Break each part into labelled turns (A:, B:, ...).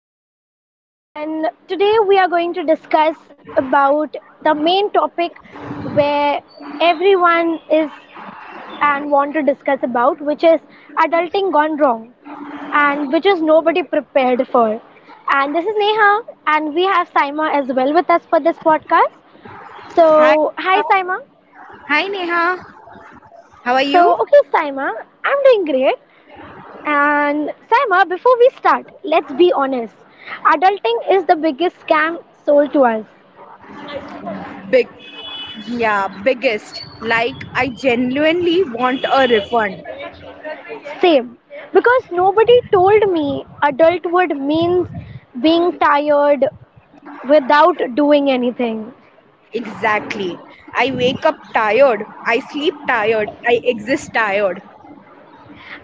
A: podcast. And today we are going to discuss about the main topic where everyone is and want to discuss about, which is adulting gone wrong, and which is nobody prepared for. And this is Neha, and we have Saima as well with us for this podcast.
B: Hi
A: So, hi
B: Neha.
A: Saima.
B: Hi Neha. How are you?
A: So, okay, Saima, I'm doing great. And Saima, before we start, let's be honest. Adulting is the biggest scam sold to us.
B: Big. Yeah, biggest. Like I genuinely want a refund.
A: Same. Because nobody told me adulthood means being tired without doing anything.
B: Exactly. I wake up tired. I sleep tired. I exist tired.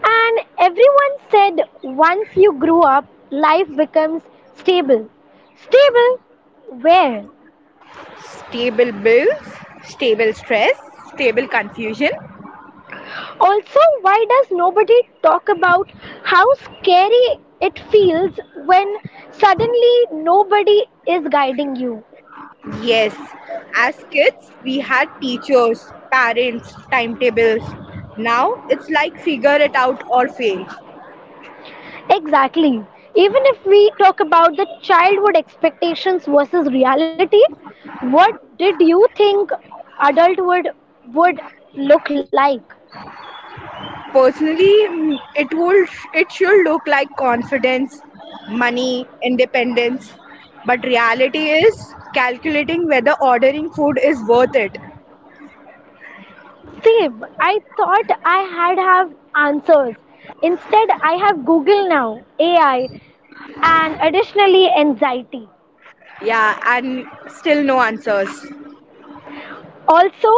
A: And everyone said once you grew up, life becomes stable. Stable? Where?
B: Stable bills, stable stress, stable confusion.
A: Also, why does nobody talk about how scary it feels when suddenly nobody is guiding you?
B: Yes. As kids, we had teachers, parents, timetables. Now it's like figure it out or fail.
A: Exactly. Even if we talk about the childhood expectations versus reality, what did you think adulthood would look like?
B: Personally, it should look like confidence, money, independence. But reality is calculating whether ordering food is worth it.
A: Same. I thought I had have answers. Instead, I have Google now, AI, and additionally anxiety.
B: Yeah, and still no answers.
A: Also,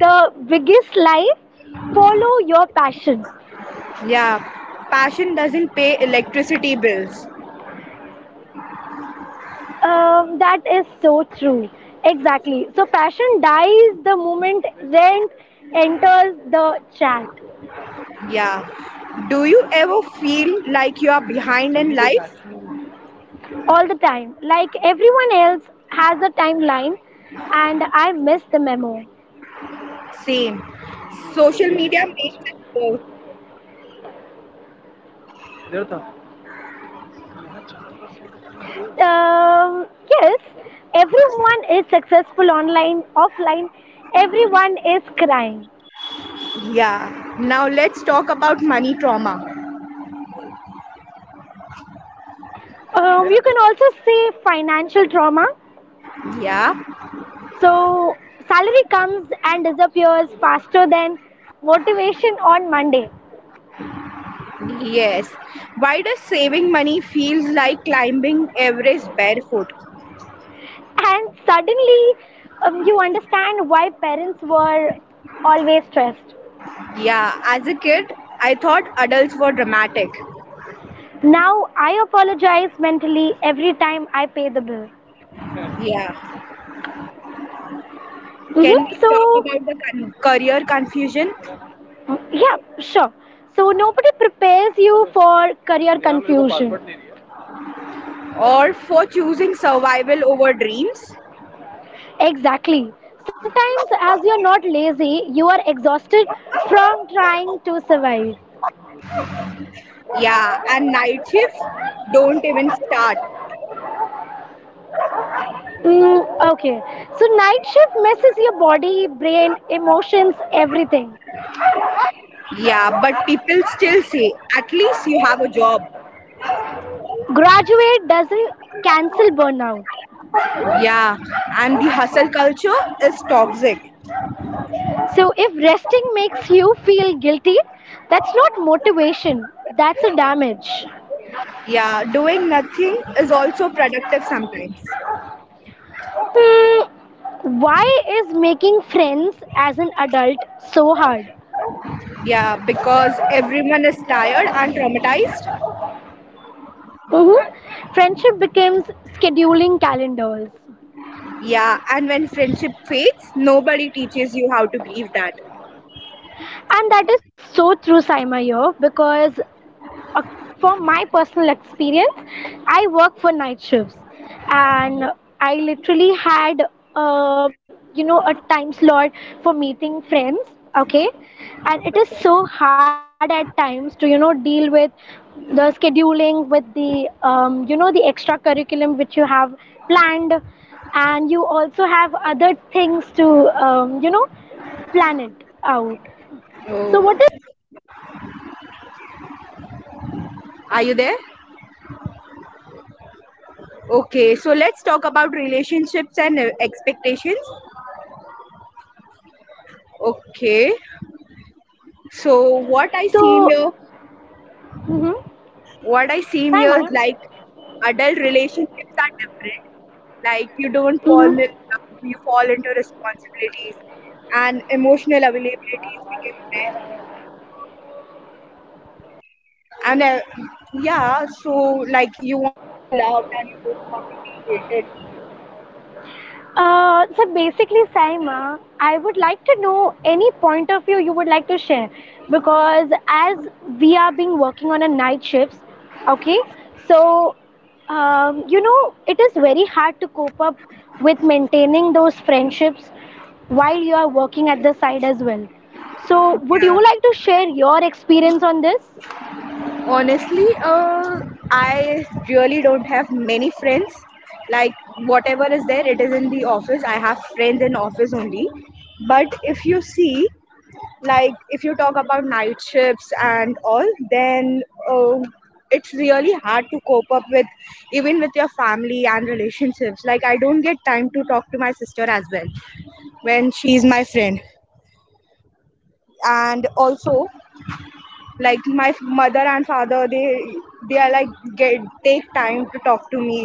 A: the biggest lie follow your passion.
B: Yeah, passion doesn't pay electricity bills.
A: That is so true. Exactly. So, passion dies the moment rent enters the chat
B: Yeah. Do you ever feel like you are behind in life?
A: all the time. Like everyone else has a timeline, and I miss the memo.
B: Same. Social media makes it worse.
A: Yes, everyone is successful online, offline, everyone is crying.
B: Yeah. Now let's talk about money trauma.
A: You can also say financial trauma.
B: Yeah.
A: So salary comes and disappears faster than motivation on Monday.
B: Yes. Why does saving money feels like climbing Everest barefoot?
A: And suddenly you understand why parents were always stressed.
B: Yeah, as a kid, I thought adults were dramatic.
A: Now I apologize mentally every time I pay the bill.
B: Yeah. Can we talk
A: So,
B: about the career confusion
A: yeah, sure. So nobody prepares you for career confusion.
B: or for choosing survival over dreams?
A: Exactly. Sometimes, as you're not lazy, you are exhausted from trying to survive.
B: Yeah, and night shifts don't even start.
A: Mm, okay. So night shift messes your body, brain, emotions, everything.
B: Yeah, but people still say at least you have a job.
A: Graduate doesn't cancel burnout.
B: Yeah, and the hustle culture is toxic.
A: So if resting makes you feel guilty, that's not motivation. That's a damage.
B: Yeah, doing nothing is also productive sometimes.
A: Hmm. Why is making friends as an adult so hard?
B: Yeah, because everyone is tired and traumatized.
A: hmm Friendship becomes scheduling calendars.
B: Yeah, and when friendship fades, nobody teaches you how to grieve that.
A: And that is so true, Saima, here because uh, from my personal experience, I work for night shifts, and I literally had, uh, you know, a time slot for meeting friends. Okay, and it is so
B: Okay.
A: hard at times to you know deal with the scheduling, with the you know the extra curriculum which you have planned, and you also have other things to you know plan it out. So
B: Oh,
A: what is
B: are you there? Okay, so let's talk about relationships and expectations. Okay, so what I see
A: so,
B: here,
A: mm-hmm,
B: what I see here
A: Saima?
B: is like adult relationships are different. Like you don't fall
A: Mhm.
B: in love, you fall into responsibilities, and emotional availabilities become rare. And yeah, so like you want to be loved and you don't want to be hated, right?
A: So basically, Saima, I would like to know any point of view you would like to share because as we are being working on a night shifts, okay, so you know it is very hard to cope up with maintaining those friendships while you are working at the side as well. So would you
B: Yeah,
A: like to share your experience on this?
B: honestly, I really don't have many friends. Like, whatever is there, it is in the office. I have friends in office only. But if you see, like if you talk about night shifts and all, then it's really hard to cope up with, even with your family and relationships. Like, I don't get time to talk to my sister as well, when she's my friend. And also, like my mother and father, they are like, get take time to talk to me.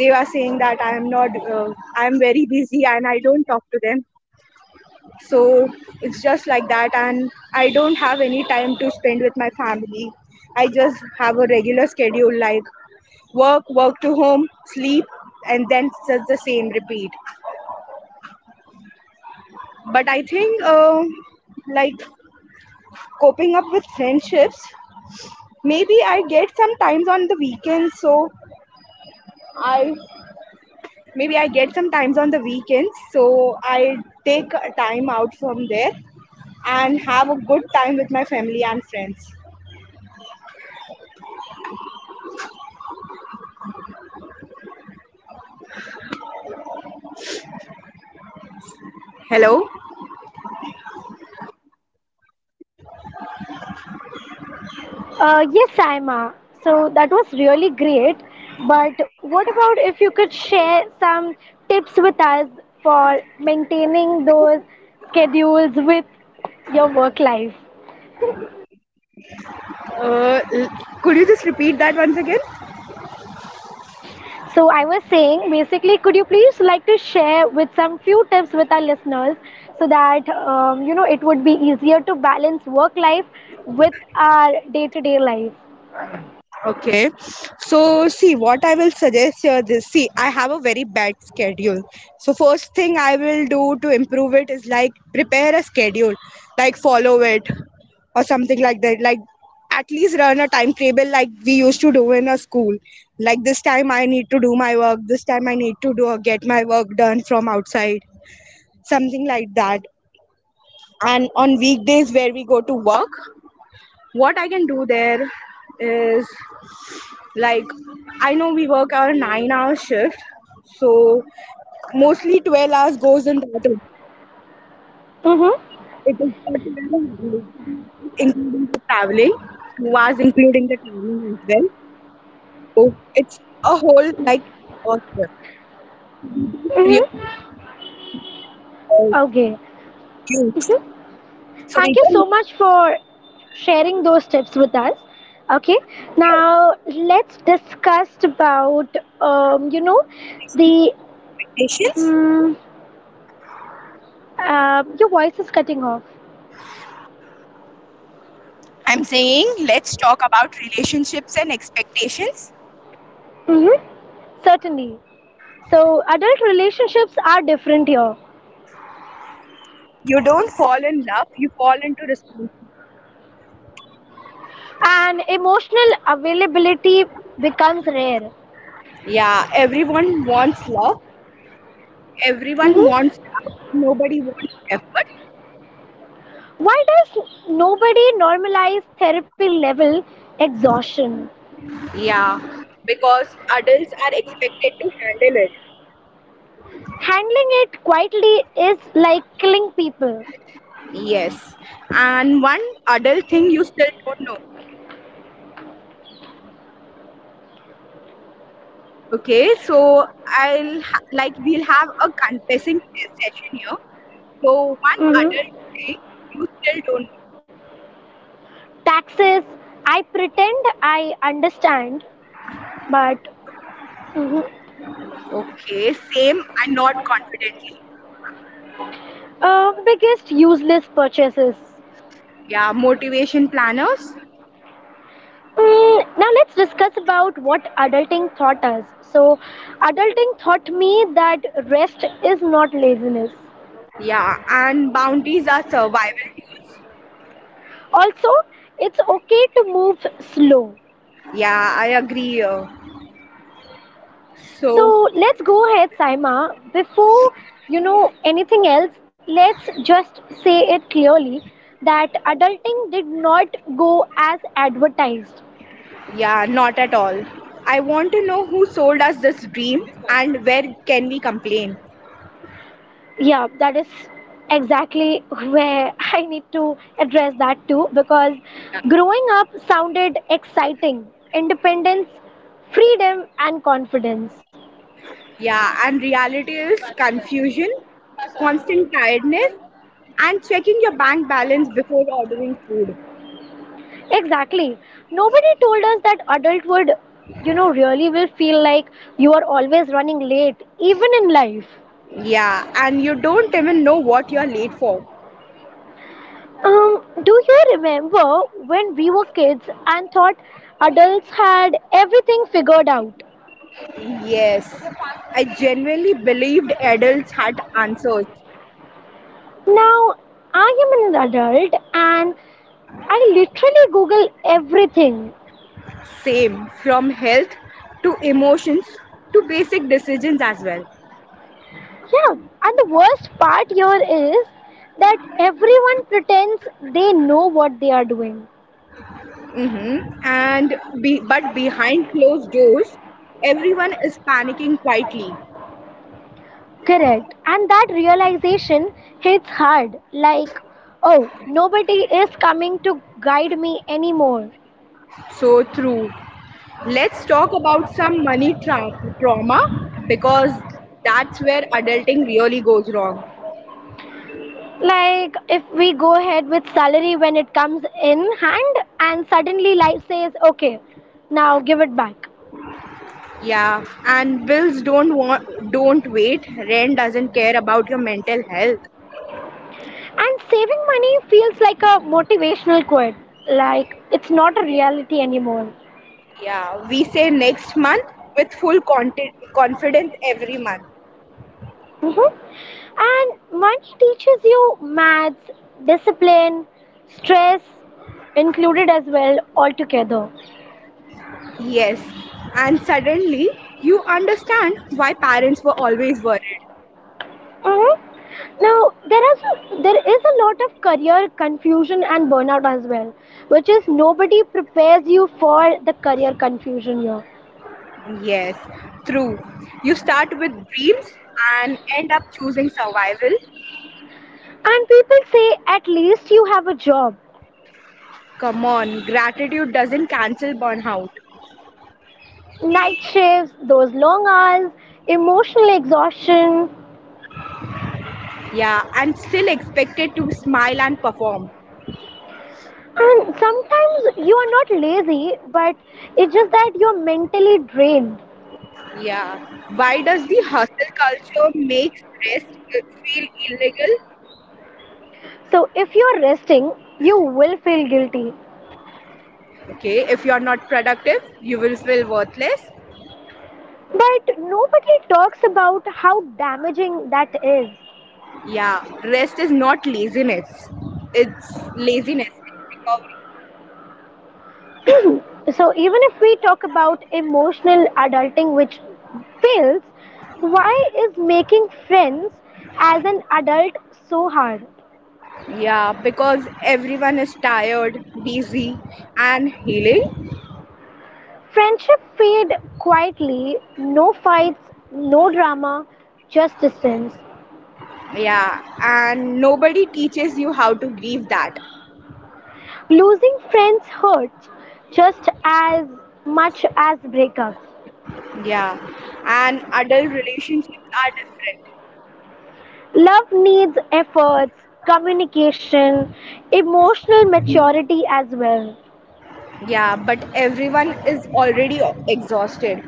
B: They are saying that I am not, I am very busy, and I don't talk to them. So it's just like that, and I don't have any time to spend with my family. I just have a regular schedule, like work, work to home, sleep, and then just the same repeat. But I think, like coping up with friendships. Maybe I get some times on the weekends, so I Maybe I get some times on the weekends, so I take a time out from there and have a good time with my family and friends. Hello,
A: Yes, Saima. So that was really great. But what about if you could share some tips with us for maintaining those schedules with your work life?
B: uh, could you just repeat that once again?
A: So I was saying, basically, could you please like to share with some few tips with our listeners so that you know it would be easier to balance work life with our day-to-day life.
B: Okay, so see what I will suggest here. This, see, I have a very bad schedule. So first thing I will do to improve it is like prepare a schedule, like follow it or something like that. Like at least run a timetable like we used to do in a school. Like this time I need to do my work. This time I need to do get my work done from outside. Something like that. And on weekdays where we go to work, what I can do there is like, I know we work our 9-hour shift, so mostly 12 hours goes in that only.
A: Mm-hmm.
B: It is including the traveling, 2 hours including the traveling as well. So it's a whole like uh, three
A: Mm-hmm.
B: hours
A: Okay.
B: use. So we
A: Thank you
B: can
A: so much
B: manage time
A: for sharing those tips with us. Okay,
B: here.
A: now let's discuss about you know the
B: Relationships and expectations.
A: mm your voice is cutting off.
B: I'm saying let's talk about relationships and expectations.
A: Mm-hmm. Certainly. So adult relationships are different here,
B: You don't fall in love, you fall into responsibility.
A: and emotional availability becomes rare.
B: Yeah, everyone wants love. Everyone
A: Mm-hmm.
B: wants love. Nobody wants effort.
A: Why does nobody normalize therapy level exhaustion?
B: Yeah, because adults are expected to handle it.
A: Handling it quietly is like killing people.
B: Yes. And one adult thing you still don't know. Okay, so I'll like we'll have a confessing session here. So one adult
A: Mm-hmm.
B: thing you still don't know.
A: Taxes, I pretend I understand, but hmm
B: Okay, same and not confidently.
A: biggest useless purchases.
B: Yeah, motivation planners.
A: Now let's discuss about what adulting taught us. So, adulting taught me that rest is not laziness.
B: Yeah, and bounties are survival tools.
A: Also, it's okay to move slow.
B: Yeah, I agree, so.
A: So let's go ahead, Saima. Before you know anything else, let's just say it clearly that adulting did not go as advertised.
B: Yeah, not at all. I want to know who sold us this dream and where can we complain.
A: Yeah, that is exactly where I need to address that too because
B: Yeah,
A: growing up sounded exciting, independence, freedom, and confidence.
B: yeah, and reality is confusion, constant tiredness, and checking your bank balance before ordering food.
A: Exactly. Nobody told us that adulthood, you know, really will feel like you are always running late, even in life.
B: Yeah, and you don't even know what you're late for.
A: Do you remember when we were kids and thought adults had everything figured out?
B: Yes, I genuinely believed adults had answers.
A: Now, I am an adult and I literally Google everything.
B: Same, from health to emotions to basic decisions as well.
A: Yeah, and the worst part here is that everyone pretends they know what they are doing.
B: Hmm. And but behind closed doors, everyone is panicking quietly.
A: Correct. And that realization hits hard like, oh, nobody is coming to guide me anymore.
B: So true. Let's talk about some money trauma, because that's where adulting really goes wrong.
A: Like, if we go ahead with salary when it comes in hand, and suddenly life says, okay, now give it back.
B: Yeah, and bills don't wait. Rent doesn't care about your mental health.
A: And saving money feels like a motivational quote, like, it's not a reality anymore.
B: Yeah, we say next month with full confidence every month.
A: And money teaches you maths, discipline, stress, included as well altogether.
B: Yes, and suddenly you understand why parents were always worried.
A: hmm Now there is a lot of career confusion and burnout as well, which is nobody prepares you for the career confusion here.
B: Yes, true. You start with dreams and end up choosing survival.
A: And people say at least you have a job.
B: Come on, gratitude doesn't cancel burnout.
A: Night shifts, those long hours, emotional exhaustion.
B: Yeah, and still expected to smile and perform.
A: And sometimes you are not lazy, but it's just that you're mentally drained.
B: Yeah. Why does the hustle culture makes rest feel illegal?
A: So if you're resting, you will feel guilty.
B: Okay, if you are not productive, you will feel worthless.
A: But nobody talks about how damaging that is.
B: Yeah, rest is not laziness. It's laziness, it's recovery.
A: Mhm. So, even if we talk about emotional adulting, which fails, why is making friends as an adult so hard?
B: Yeah, because everyone is tired, busy, and healing.
A: Friendship fade quietly, no fights, no drama, just distance.
B: Yeah, and nobody teaches you how to grieve that.
A: Losing friends hurts just as much as breakups.
B: Yeah, and adult relationships are different.
A: Love needs efforts, communication, emotional maturity as well.
B: Yeah, but everyone is already exhausted.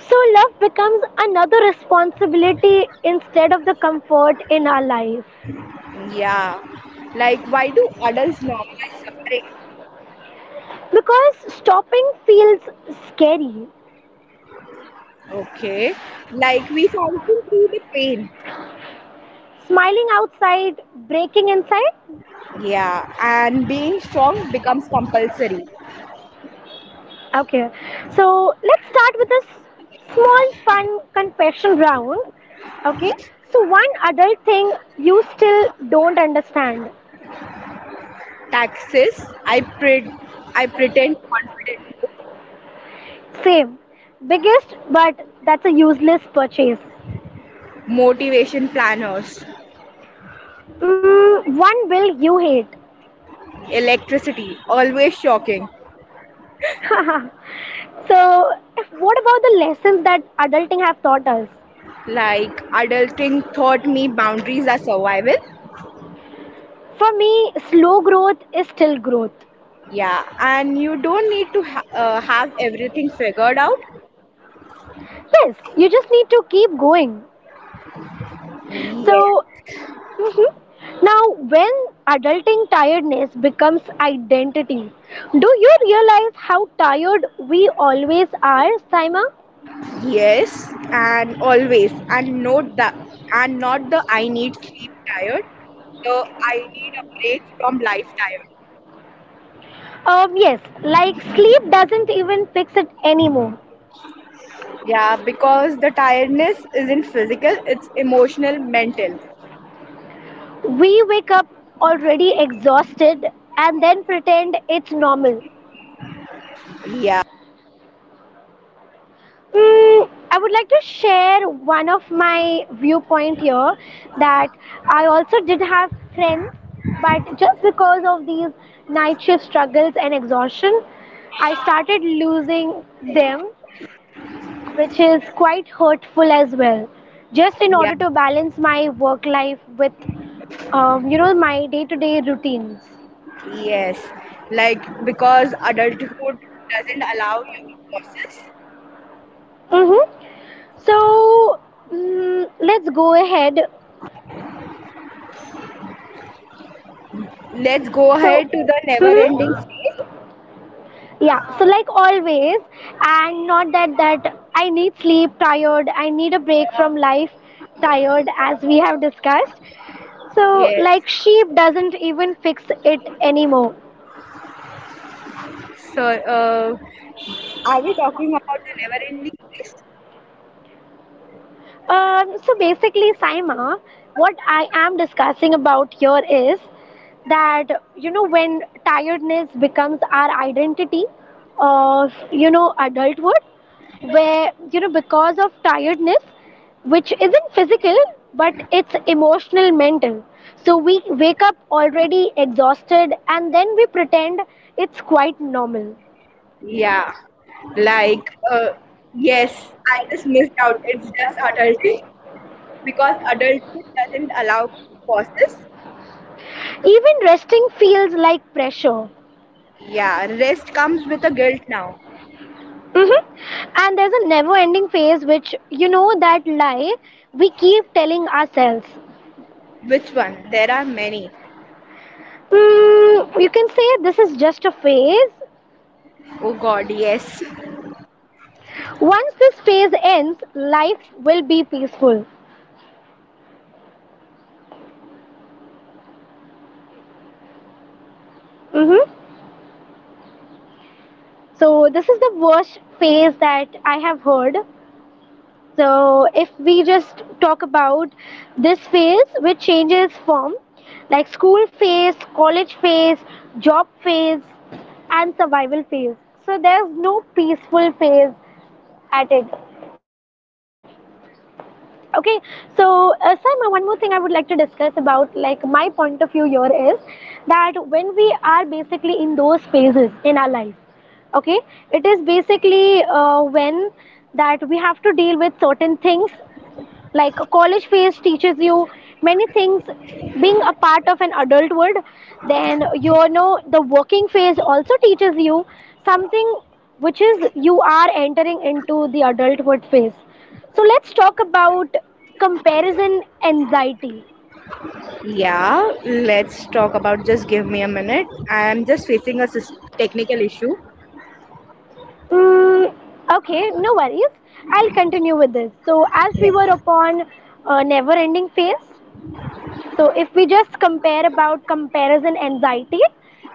A: So, love becomes another responsibility instead of the comfort in our life.
B: Yeah, like why do adults normalize suffering?
A: Because stopping feels scary.
B: Okay. Like we function through the pain.
A: Smiling outside, breaking inside.
B: Yeah. And being strong becomes compulsory.
A: Okay, so let's start with a small fun confession round. Okay, so one
B: Yeah.
A: adult thing you still don't understand.
B: Taxes. I pretend confidently.
A: Same, biggest, but that's a useless purchase.
B: Motivation planners.
A: One bill you hate.
B: Electricity. Always shocking.
A: So, what about the lessons that adulting have taught us?
B: Like adulting taught me boundaries are survival.
A: For me, slow growth is still growth.
B: Yeah. And you don't need to have everything figured out.
A: Yes, you just need to keep going.
B: Yes.
A: So, mhm. Now when adulting tiredness becomes identity, do you realize how tired we always are, Saima?
B: Yes, and always, and not the I need sleep tired, the I need a break from life tired.
A: Yes, like sleep doesn't even fix it anymore.
B: Yeah, because the tiredness isn't physical, it's emotional, mental.
A: We wake up already exhausted and then pretend it's normal.
B: Yeah,
A: I would like to share one of my viewpoint here that I also did have friends, but just because of these night shift struggles and exhaustion, I started losing them, which is quite hurtful as well. Just in order
B: yeah,
A: to balance my work life with, you know, my day-to-day routines.
B: yes. Like because adulthood doesn't allow you a pauses.
A: Mm-hmm. So let's go ahead.
B: Let's go
A: So.
B: ahead to the never-ending
A: Mhm.
B: phase.
A: Yeah, so like always, and not that I need sleep tired, I need a break from life tired, as we have discussed. So
B: Yes.
A: like sheep doesn't even fix it anymore.
B: So, are we talking about the never-ending phase?
A: So basically, Saima, what I am discussing about here is that you know when tiredness becomes our identity of you know adulthood, where you know because of tiredness, which isn't physical but it's emotional, mental. So we wake up already exhausted, and then we pretend it's quite normal.
B: Yeah, like yes, I just missed out. It's just adulting because adulthood doesn't allow pauses.
A: Even resting feels like pressure.
B: Yeah, rest comes with a guilt now.
A: And there's a never ending phase, which you know that lie we keep telling ourselves.
B: Which one? There are many.
A: You can say this is just a phase.
B: Oh God, yes.
A: Once this phase ends, life will be peaceful. hmm So, this is the worst phase that I have heard. So if we just talk about this phase which changes form like school phase, college phase, job phase and survival phase. So there's no peaceful phase at it. Okay, so Simon, one more thing I would like to discuss about like my point of view here is that when we are basically in those phases in our life, okay, it is basically when that we have to deal with certain things like college phase teaches you many things being a part of an adult world, then you know the working phase also teaches you something which is you are entering into the adulthood phase. So let's talk about comparison anxiety.
B: Yeah, let's talk about. Just give me a minute. I'm just facing a technical issue.
A: mm, okay, no worries. I'll continue with this, so as we were
B: Yeah.
A: upon a never ending phase. So if we just compare about comparison anxiety,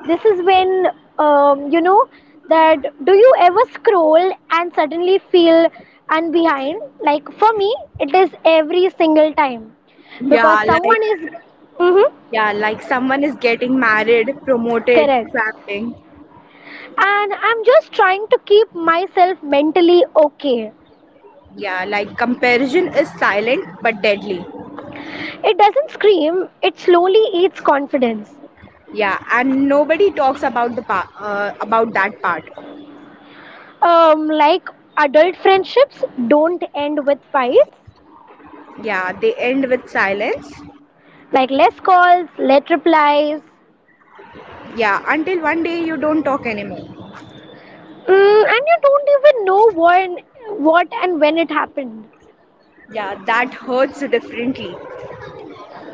A: this is when you know that do you ever scroll and suddenly feel and behind? Like for me, it is every single time because
B: Yeah, like
A: someone is hmm
B: yeah, like someone is getting married, promoted,
A: correct,
B: traveling.
A: and I'm just trying to keep myself mentally okay.
B: Yeah, like comparison is silent but deadly.
A: It doesn't scream; it slowly eats confidence.
B: Yeah, and nobody talks about the about that part.
A: Like adult friendships don't end with fights
B: Yeah, they end with silence.
A: like less calls, late replies,
B: Yeah, until one day you don't talk anymore.
A: and you don't even know when, what and when it happened
B: Yeah, that hurts differently.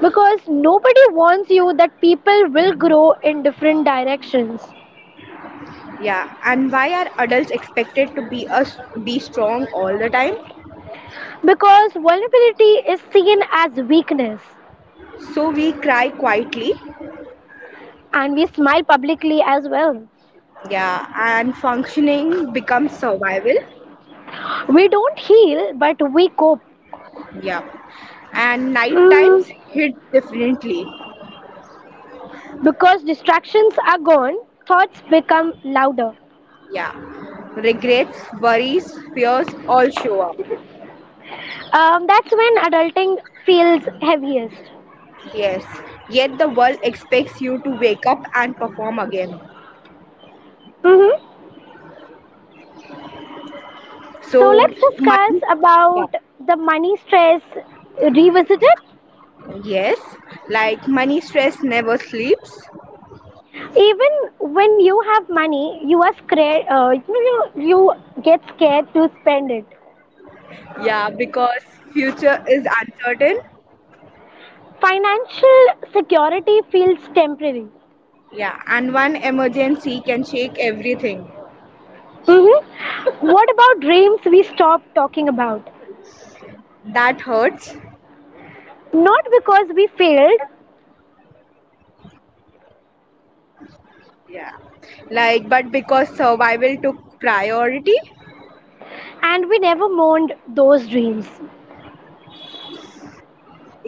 A: because nobody warns you that people will grow in different directions
B: Yeah, and why are adults expected to be strong all the time?
A: because vulnerability is seen as weakness
B: So we cry quietly.
A: and we smile publicly as well.
B: Yeah, and functioning becomes survival.
A: We don't heal but we cope.
B: Yeah, and night
A: mm,
B: times hits differently.
A: because distractions are gone. Thoughts become louder.
B: Yeah, regrets, worries, fears all show up.
A: That's when adulting feels heaviest.
B: Yes, yet the world expects you to wake up and perform again.
A: hmm So
B: So
A: let's
B: money,
A: discuss
B: yeah,
A: about the money stress revisited.
B: yes, like money stress never sleeps.
A: Even when you have money, you are scared. You, you get scared to spend it.
B: Yeah, because future is uncertain.
A: Financial security feels temporary.
B: Yeah, and one emergency can shake everything.
A: What about dreams? We stop talking about
B: That hurts.
A: not because we failed
B: Yeah. Like but because survival took priority.
A: and we never mourned those dreams.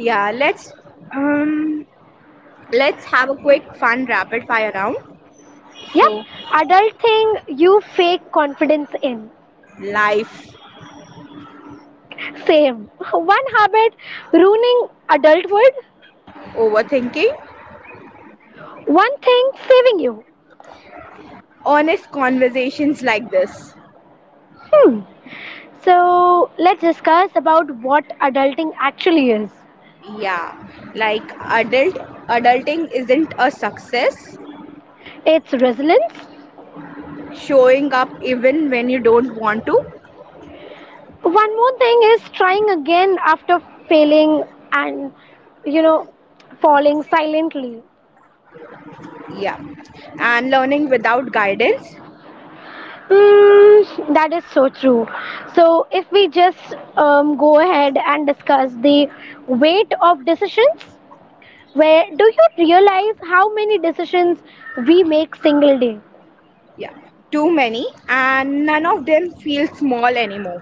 B: Yeah, um let's have a quick fun rapid fire round.
A: Yep,
B: So,
A: adult thing you fake confidence in.
B: life
A: Same. One habit ruining adulthood.
B: overthinking,
A: One thing saving you.
B: honest conversations like this.
A: Hmm. So let's discuss about what adulting actually is.
B: Yeah. Like adulting isn't a success.
A: It's resilience.
B: Showing up even when you don't want to.
A: One more thing is trying again after failing and you know falling silently.
B: Yeah, and learning without guidance.
A: That is so true. So if we just go ahead and discuss the weight of decisions, where do you realize how many decisions we make single day?
B: Yeah, too many and none of them feel small anymore.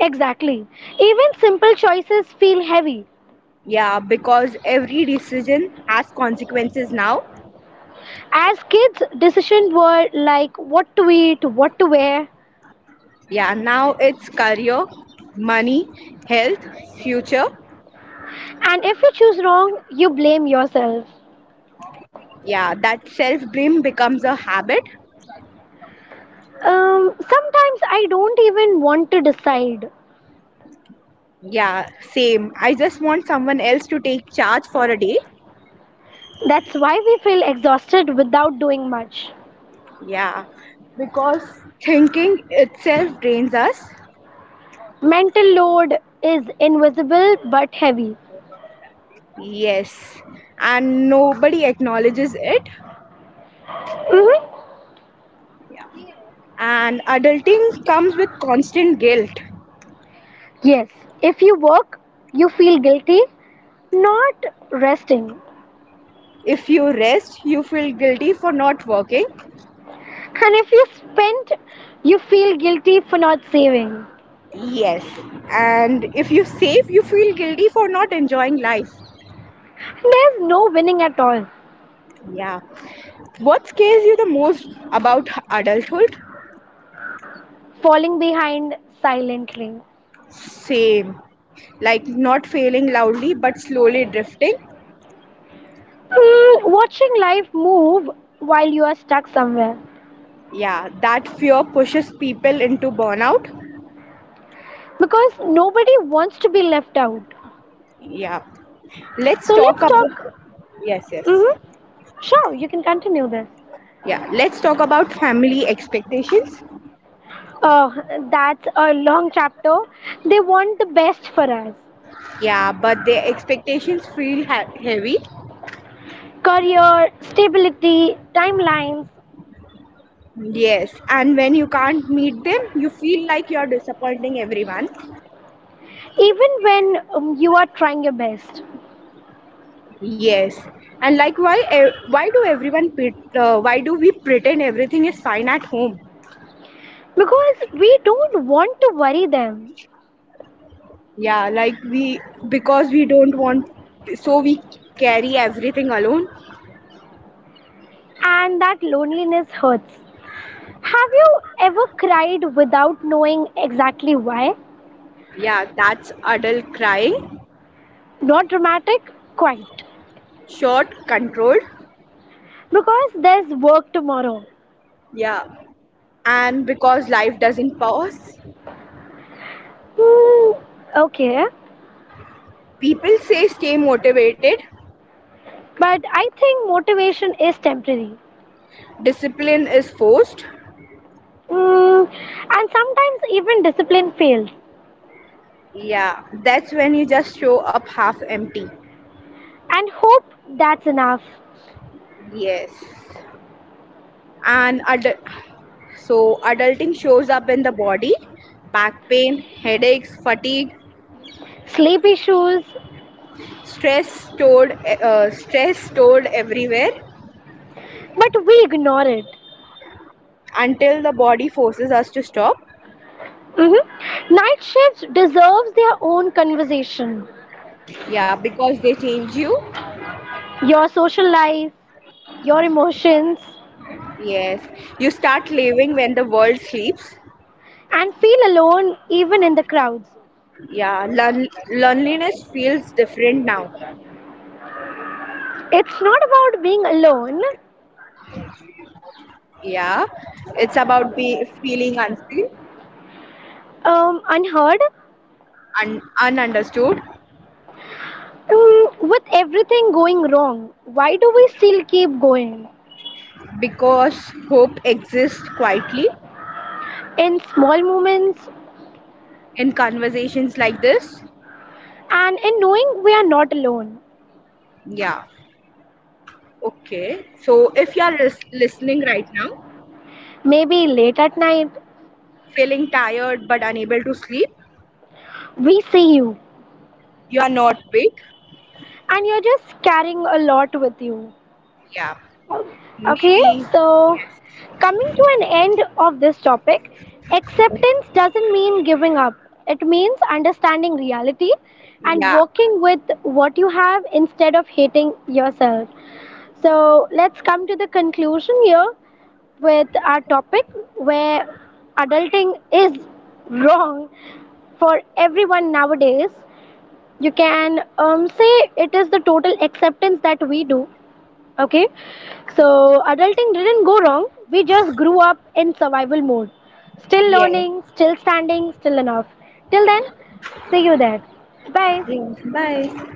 A: Exactly. Even simple choices feel heavy.
B: Yeah, because every decision has consequences now.
A: As kids, decisions were like what to eat, what to wear,
B: Yeah, now it's career, money, health, future.
A: and if you choose wrong, you blame yourself.
B: Yeah, that self blame becomes a habit.
A: Sometimes I don't even want to decide.
B: Yeah, same, I just want someone else to take charge for a day.
A: That's why we feel exhausted without doing much.
B: Yeah, because thinking itself drains us.
A: Mental load is invisible but heavy.
B: Yes, and nobody acknowledges it.
A: hmm
B: And adulting comes with constant guilt.
A: Yes, if you work, you feel guilty not resting.
B: If you rest, you feel guilty for not working.
A: And if you spend, you feel guilty for not saving.
B: Yes, and if you save, you feel guilty for not enjoying life.
A: There's no winning at all.
B: Yeah. What scares you the most about adulthood?
A: Falling behind silently.
B: Same. Like not failing loudly but slowly drifting.
A: Hmm, watching life move while you are stuck somewhere.
B: Yeah, that fear pushes people into burnout.
A: Because nobody wants to be left out.
B: Yeah. Let's
A: So
B: talk
A: let's
B: about.
A: talk.
B: Yes, yes.
A: hmm Sure, you can continue this.
B: Yeah, let's talk about family expectations.
A: Oh, that's a long chapter. They want the best for us
B: Yeah, but their expectations feel heavy.
A: career, stability, timelines,
B: Yes, and when you can't meet them, you feel like you're disappointing everyone.
A: even when you are trying your best.
B: Yes, and like why do we pretend everything is fine at home?
A: Because we don't want to worry them,
B: Yeah, like we because we don't want, so we carry everything alone.
A: and that loneliness hurts. Have you ever cried without knowing exactly why?
B: Yeah, that's adult crying.
A: Not dramatic, quite,
B: Short, controlled.
A: because there's work tomorrow.
B: Yeah, and because life doesn't pause.
A: Hmm, okay,
B: People say stay motivated,
A: but I think motivation is temporary.
B: discipline is forced.
A: Hmm, and sometimes even discipline fails
B: Yeah, that's when you just show up half empty.
A: and hope that's enough
B: Yes. And so adulting shows up in the body, back pain, headaches, fatigue,
A: sleep issues
B: stress stored everywhere
A: but we ignore it.
B: until the body forces us to stop.
A: Night shifts deserves their own conversation.
B: Yeah, because they change you.
A: Your social life, your emotions,
B: Yes. You start living when the world sleeps.
A: and feel alone even in the crowds.
B: Yeah, loneliness feels different now.
A: It's not about being alone,
B: Yeah, it's about be feeling unseen
A: unheard,
B: and ununderstood,
A: with everything going wrong. Why do we still keep going?
B: because hope exists quietly
A: In small moments
B: in conversations like this.
A: and in knowing we are not alone.
B: Yeah, okay. So if you are listening right now,
A: Maybe late at night,
B: feeling tired but unable to sleep,
A: we see you
B: you are not weak.
A: and you're just carrying a lot with you.
B: Yeah,
A: Okay,
B: maybe
A: so
B: yes,
A: coming to an end of this topic,
B: yes,
A: acceptance doesn't mean giving up. It means understanding reality and
B: yeah,
A: working with what you have instead of hating yourself. So let's come to the conclusion here with our topic where adulting is wrong for everyone nowadays. You can
B: yes,
A: say it is the total acceptance that we do. Okay, so
B: yes,
A: adulting didn't go wrong. We just grew up in survival mode, still
B: yes.
A: learning, still standing, still enough. Till then, see you there. Bye.
B: Yes. Bye.